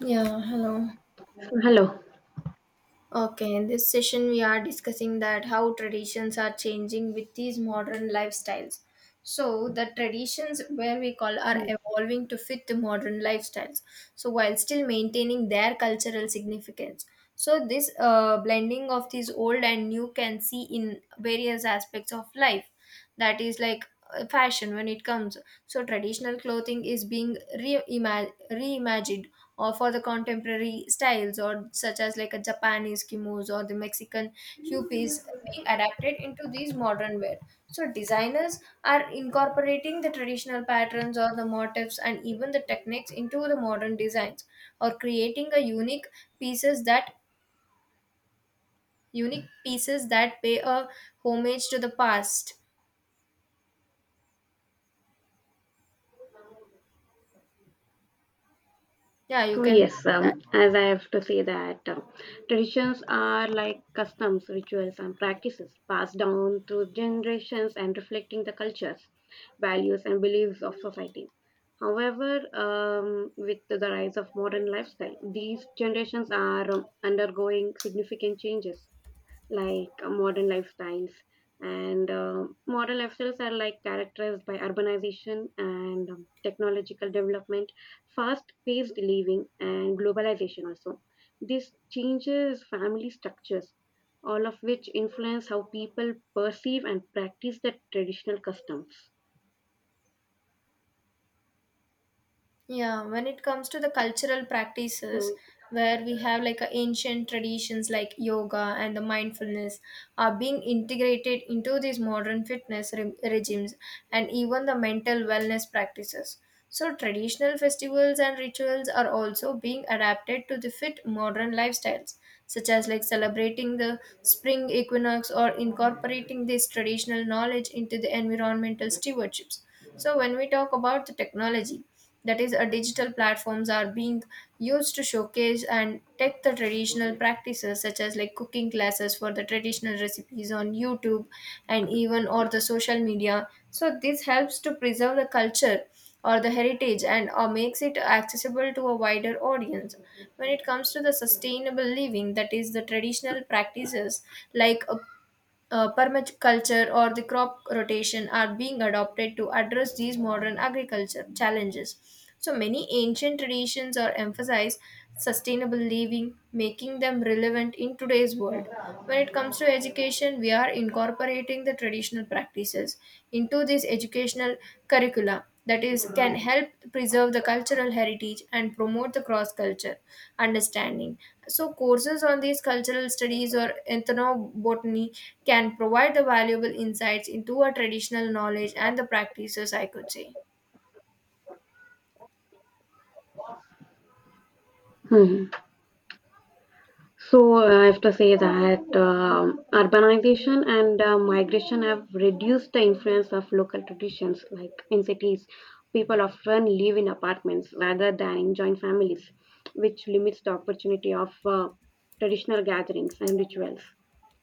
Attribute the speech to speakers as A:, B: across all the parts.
A: Yeah, hello.
B: Hello.
A: Okay, in this session we are discussing that how traditions are changing with these modern lifestyles. So the traditions where we call are evolving to fit the modern lifestyles, so while still maintaining their cultural significance. So this blending of these old and new can see in various aspects of life, that is like fashion. When it comes, so traditional clothing is being reimagined or for the contemporary styles, or such as like a Japanese kimonos or the Mexican hupis being adapted into these modern wear. So designers are incorporating the traditional patterns or the motifs and even the techniques into the modern designs, or creating a pieces that unique pieces that pay a homage to the past. Yeah, you can go with that.
B: As I have to say that traditions are like customs, rituals, and practices passed down through generations and reflecting the cultures, values, and beliefs of society. However, with the rise of modern lifestyle, these generations are undergoing significant changes. Like modern lifestyles. And modern lifestyles are like characterized by urbanization and technological development, fast paced living, and globalization also. This changes family structures, all of which influence how people perceive and practice their traditional customs.
A: Yeah, when it comes to the cultural practices, where we have like a ancient traditions like yoga and the mindfulness are being integrated into these modern fitness regimes and even the mental wellness practices. So, traditional festivals and rituals are also being adapted to the fit modern lifestyles, such as like celebrating the spring equinox or incorporating this traditional knowledge into the environmental stewardships. So, when we talk about the technology, that is digital platforms are being used to showcase and take the traditional practices, such as like cooking classes for the traditional recipes on YouTube and even or the social media. So this helps to preserve the culture or the heritage, and makes it accessible to a wider audience. When it comes to the sustainable living, that is the traditional practices like permaculture or the crop rotation are being adopted to address these modern agriculture challenges. So many ancient traditions are emphasized sustainable living, making them relevant in today's world. When it comes to education, we are incorporating the traditional practices into this educational curricula, that is can help preserve the cultural heritage and promote the cross culture understanding. So courses on these cultural studies or ethnobotany can provide the valuable insights into our traditional knowledge and the practices, I could say.
B: So, I have to say that urbanization and migration have reduced the influence of local traditions. Like in cities, people often live in apartments rather than in joint families, which limits the opportunity of traditional gatherings and rituals.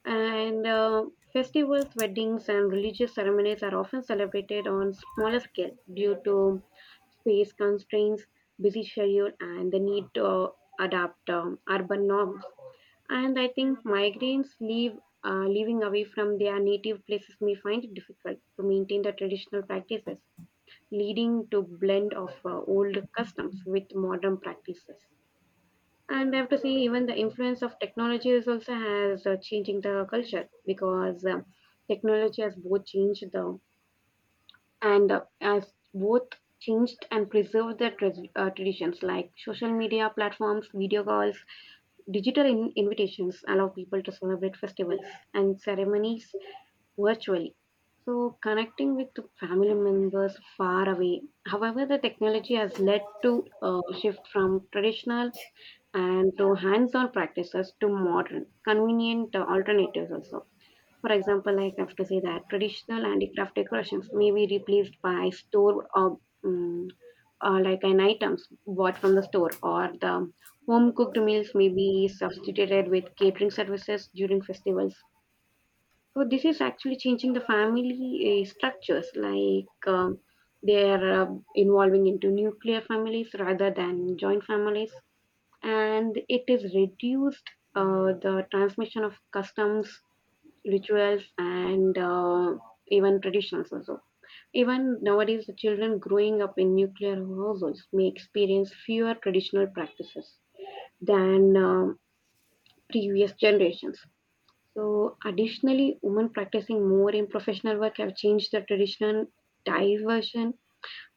B: And festivals, weddings, and religious ceremonies are often celebrated on smaller scale due to space constraints, busy schedule, and the need to adapt urban norms. And I think migrants leave, living away from their native places may find it difficult to maintain the traditional practices, leading to blend of old customs with modern practices. And I have to say, even the influence of technology is also has changing the culture because technology has both changed the and has both changed and preserved the traditions like social media platforms, video calls, digital invitations allow people to celebrate festivals and ceremonies virtually, so connecting with the family members far away. However, the technology has led to a shift from traditional and to hands on practices to modern, convenient alternatives also. For example, like I have to say that traditional handicraft decorations may be replaced by store or um, like an items bought from the store, or the home cooked meals may be substituted with catering services during festivals. So this is actually changing the family structures, like um, they are involving into nuclear families rather than joint families, and it is reduced the transmission of customs, rituals, and even traditions also. Even nowadays, the children growing up in nuclear households may experience fewer traditional practices than previous generations. So additionally, women practicing more in professional work have changed the traditional diversion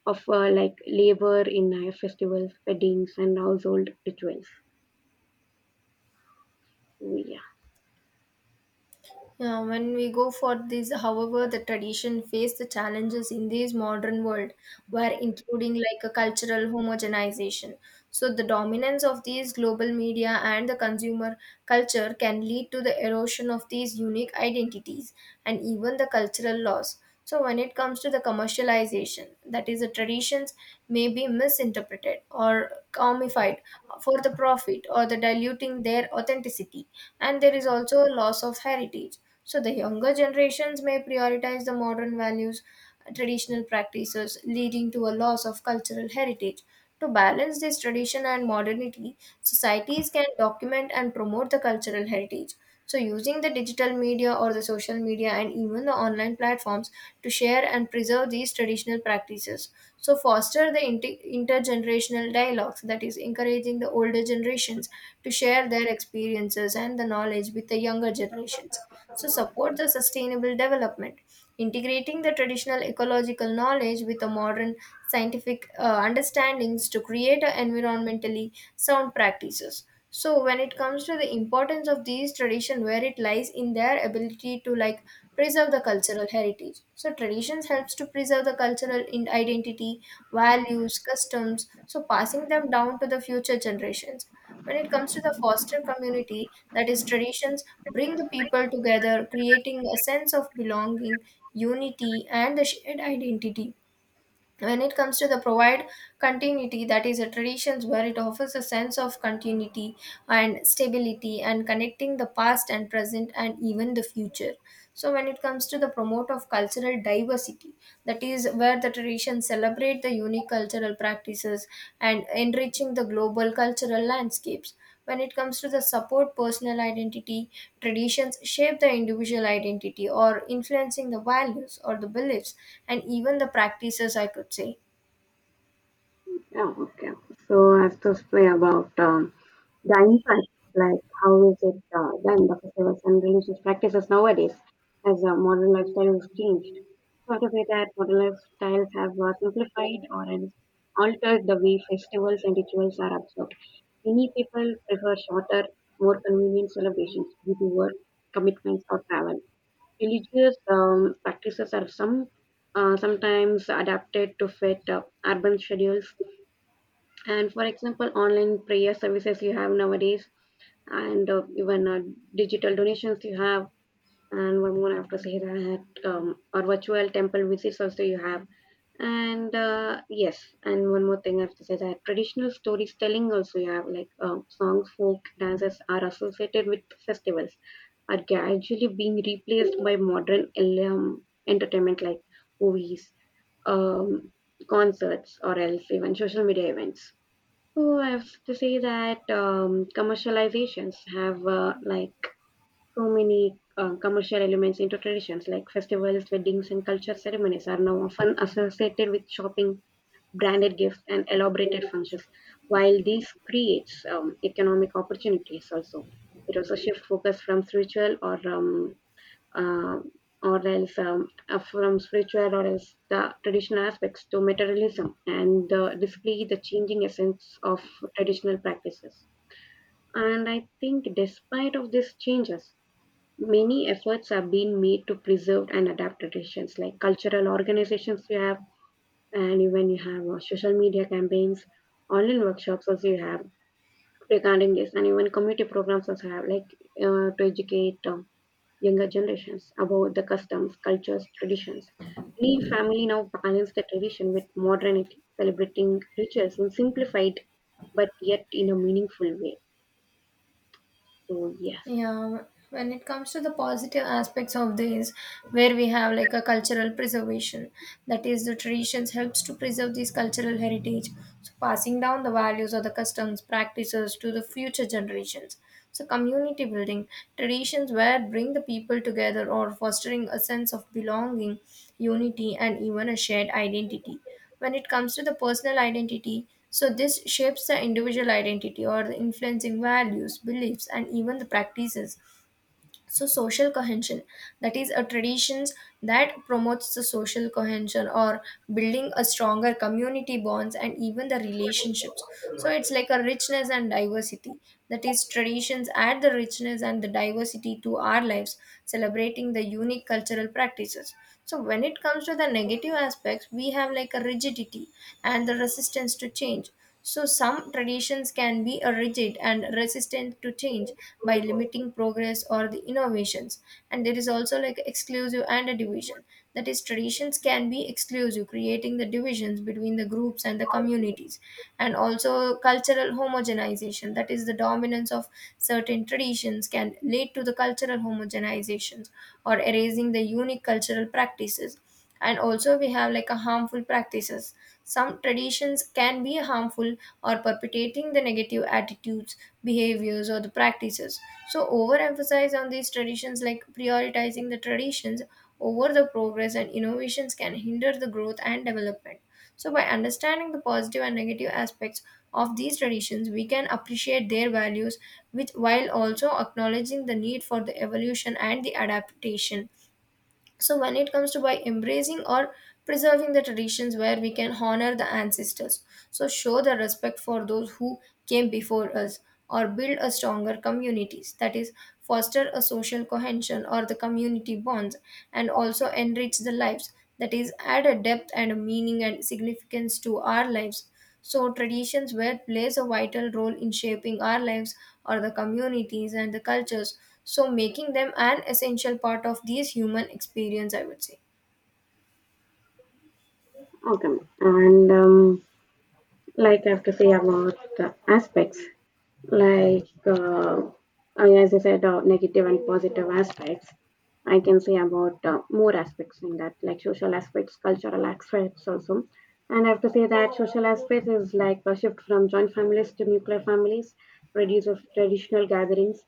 B: of like labor in festivals, weddings, and household rituals. Yeah.
A: Yeah, when we go for this, however, the tradition face the challenges in this modern world, where including like a cultural homogenization. So the dominance of these global media and the consumer culture can lead to the erosion of these unique identities and even the cultural loss. So, when it comes to the commercialization, that is, the traditions may be misinterpreted or comified for the profit or the diluting their authenticity, and there is also a loss of heritage. So, the younger generations may prioritize the modern values, traditional practices, leading to a loss of cultural heritage. To balance this tradition and modernity, societies can document and promote the cultural heritage, so, using the digital media or the social media and even the online platforms to share and preserve these traditional practices. So, foster the intergenerational dialogues, that is encouraging the older generations to share their experiences and the knowledge with the younger generations. So support the sustainable development, integrating the traditional ecological knowledge with the modern scientific understandings to create a environmentally sound practices. So when it comes to the importance of these tradition, where it lies in their ability to, like, preserve the cultural heritage. So traditions helps to preserve the cultural identity, values, customs, so passing them down to the future generations. When it comes to the foster community, that is, traditions bring the people together, creating a sense of belonging, unity, and the shared identity. When it comes to the provide continuity, that is a traditions where it offers a sense of continuity and stability, and connecting the past and present and even the future. So when it comes to the promote of cultural diversity, that is where the traditions celebrate the unique cultural practices and enriching the global cultural landscapes. When it comes to the support personal identity, traditions shape the individual identity or influencing the values or the beliefs and even the practices, I could say.
B: Yeah, okay. So, as to say about the impact, like how is it done, the festivals and religious practices nowadays as modern lifestyle has changed. So to say that modern lifestyles have simplified or else altered the way festivals and rituals are observed. Many people prefer shorter, more convenient celebrations due to work, commitments, or travel. Religious practices are sometimes adapted to fit urban schedules. And for example, online prayer services you have nowadays, and even digital donations you have, and one more I have to say that or virtual temple visits also you have. And yes, and one more thing I have to say that traditional storytelling also you have, like songs, folk dances are associated with festivals, are gradually being replaced by modern entertainment like movies, um, concerts, or else even social media events. Oh, I have to say that commercializations have like so many commercial elements into traditions, like festivals, weddings, and culture ceremonies are now often associated with shopping, branded gifts, and elaborated functions. While these creates economic opportunities, also it also shifts focus from spiritual um, or else from spiritual or else the traditional aspects to materialism, and display the changing essence of traditional practices. And I think despite of these changes, many efforts have been made to preserve and adapt traditions, like cultural organizations you have, and even you have social media campaigns, online workshops also you have regarding this, and even community programs also have, like to educate younger generations about the customs, cultures, traditions. Many family now balance the tradition with modernity, celebrating rituals in simplified but yet in a meaningful way. So yes,
A: Yeah, when it comes to the positive aspects of this, where we have like a cultural preservation, that is, the traditions helps to preserve this cultural heritage. So passing down the values or the customs practices to the future generations. So community building, traditions where bring the people together or fostering a sense of belonging, unity, and even a shared identity. When it comes to the personal identity, so this shapes the individual identity or the influencing values, beliefs, and even the practices. So social cohesion, that is a traditions that promotes the social cohesion or building a stronger community bonds and even the relationships. So it's like a richness and diversity, that is traditions add the richness and the diversity to our lives, celebrating the unique cultural practices. So when it comes to the negative aspects, we have like a rigidity and the resistance to change. So, some traditions can be rigid and resistant to change, by limiting progress or the innovations. And there is also like exclusive and a division. That is, traditions can be exclusive, creating the divisions between the groups and the communities. And also, cultural homogenization, that is, the dominance of certain traditions can lead to the cultural homogenizations or erasing the unique cultural practices. And also we have like a harmful practices, some traditions can be harmful or perpetuating the negative attitudes, behaviors, or the practices. So overemphasize on these traditions, like prioritizing the traditions over the progress and innovations can hinder the growth and development. So by understanding the positive and negative aspects of these traditions, we can appreciate their values, which while also acknowledging the need for the evolution and the adaptation. So when it comes to, by embracing or preserving the traditions, where we can honor the ancestors, so show the respect for those who came before us, or build a stronger communities, that is foster a social cohesion or the community bonds, and also enrich the lives, that is add a depth and a meaning and significance to our lives. So, traditions where plays a vital role in shaping our lives or the communities and the cultures. So, making them an essential part of these human experience, I would say.
B: okay. And like I have to say about the aspects. like uh, as I said, negative and positive aspects. I can say about more aspects in that, like social aspects, cultural aspects also. And I have to say that social aspects is like a shift from joint families to nuclear families, reduce of traditional gatherings,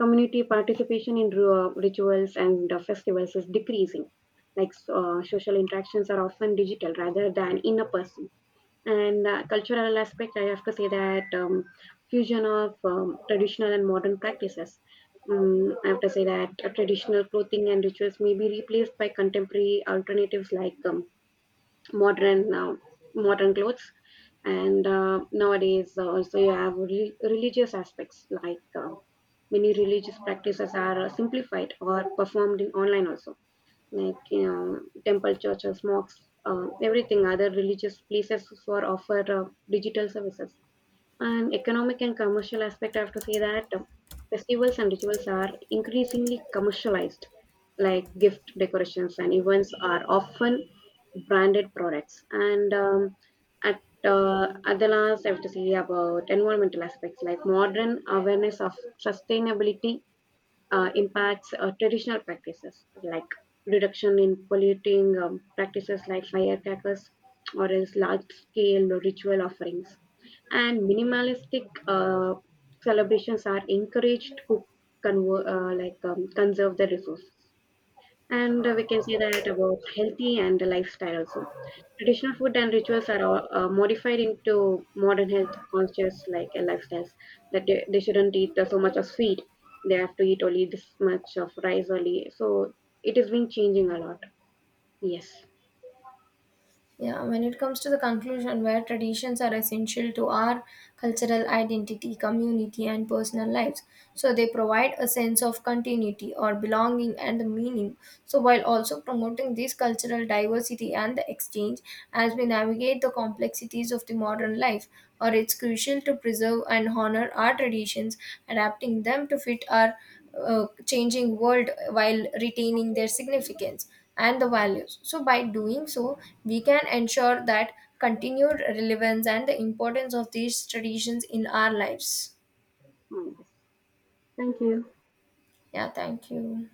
B: community participation in rituals and festivals is decreasing. Like so, social interactions are often digital rather than in a person. And Cultural aspect, I have to say that fusion of traditional and modern practices. I have to say that traditional clothing and rituals may be replaced by contemporary alternatives, like modern uh, modern clothes. And nowadays, also you have religious aspects, like many religious practices are simplified or performed in online also, like you know, temple, churches, mosques, everything, other religious places for offer digital services. And economic and commercial aspect, I have to say that festivals and rituals are increasingly commercialized, like gift decorations and events are often branded products. And at at the last, I have to say about environmental aspects, like modern awareness of sustainability impacts traditional practices like reduction in polluting practices like firecrackers or else large scale ritual offerings, and minimalistic celebrations are encouraged to like conserve the resources. And We can say that about healthy and the lifestyle also. Traditional food and rituals are all, modified into modern health conscious like lifestyles, that they shouldn't eat so much of sweet, they have to eat only this much of rice only, so it has been changing a lot. Yes.
A: Yeah, when it comes to the conclusion, where traditions are essential to our cultural identity, community, and personal lives. So they provide a sense of continuity or belonging and the meaning. So while also promoting this cultural diversity and the exchange, as we navigate the complexities of the modern life, or it's crucial to preserve and honor our traditions, adapting them to fit our changing world while retaining their significance and the values. So, by doing so, we can ensure that continued relevance and the importance of these traditions in our lives.
B: Mm, yes. Thank you.
A: Yeah, thank you.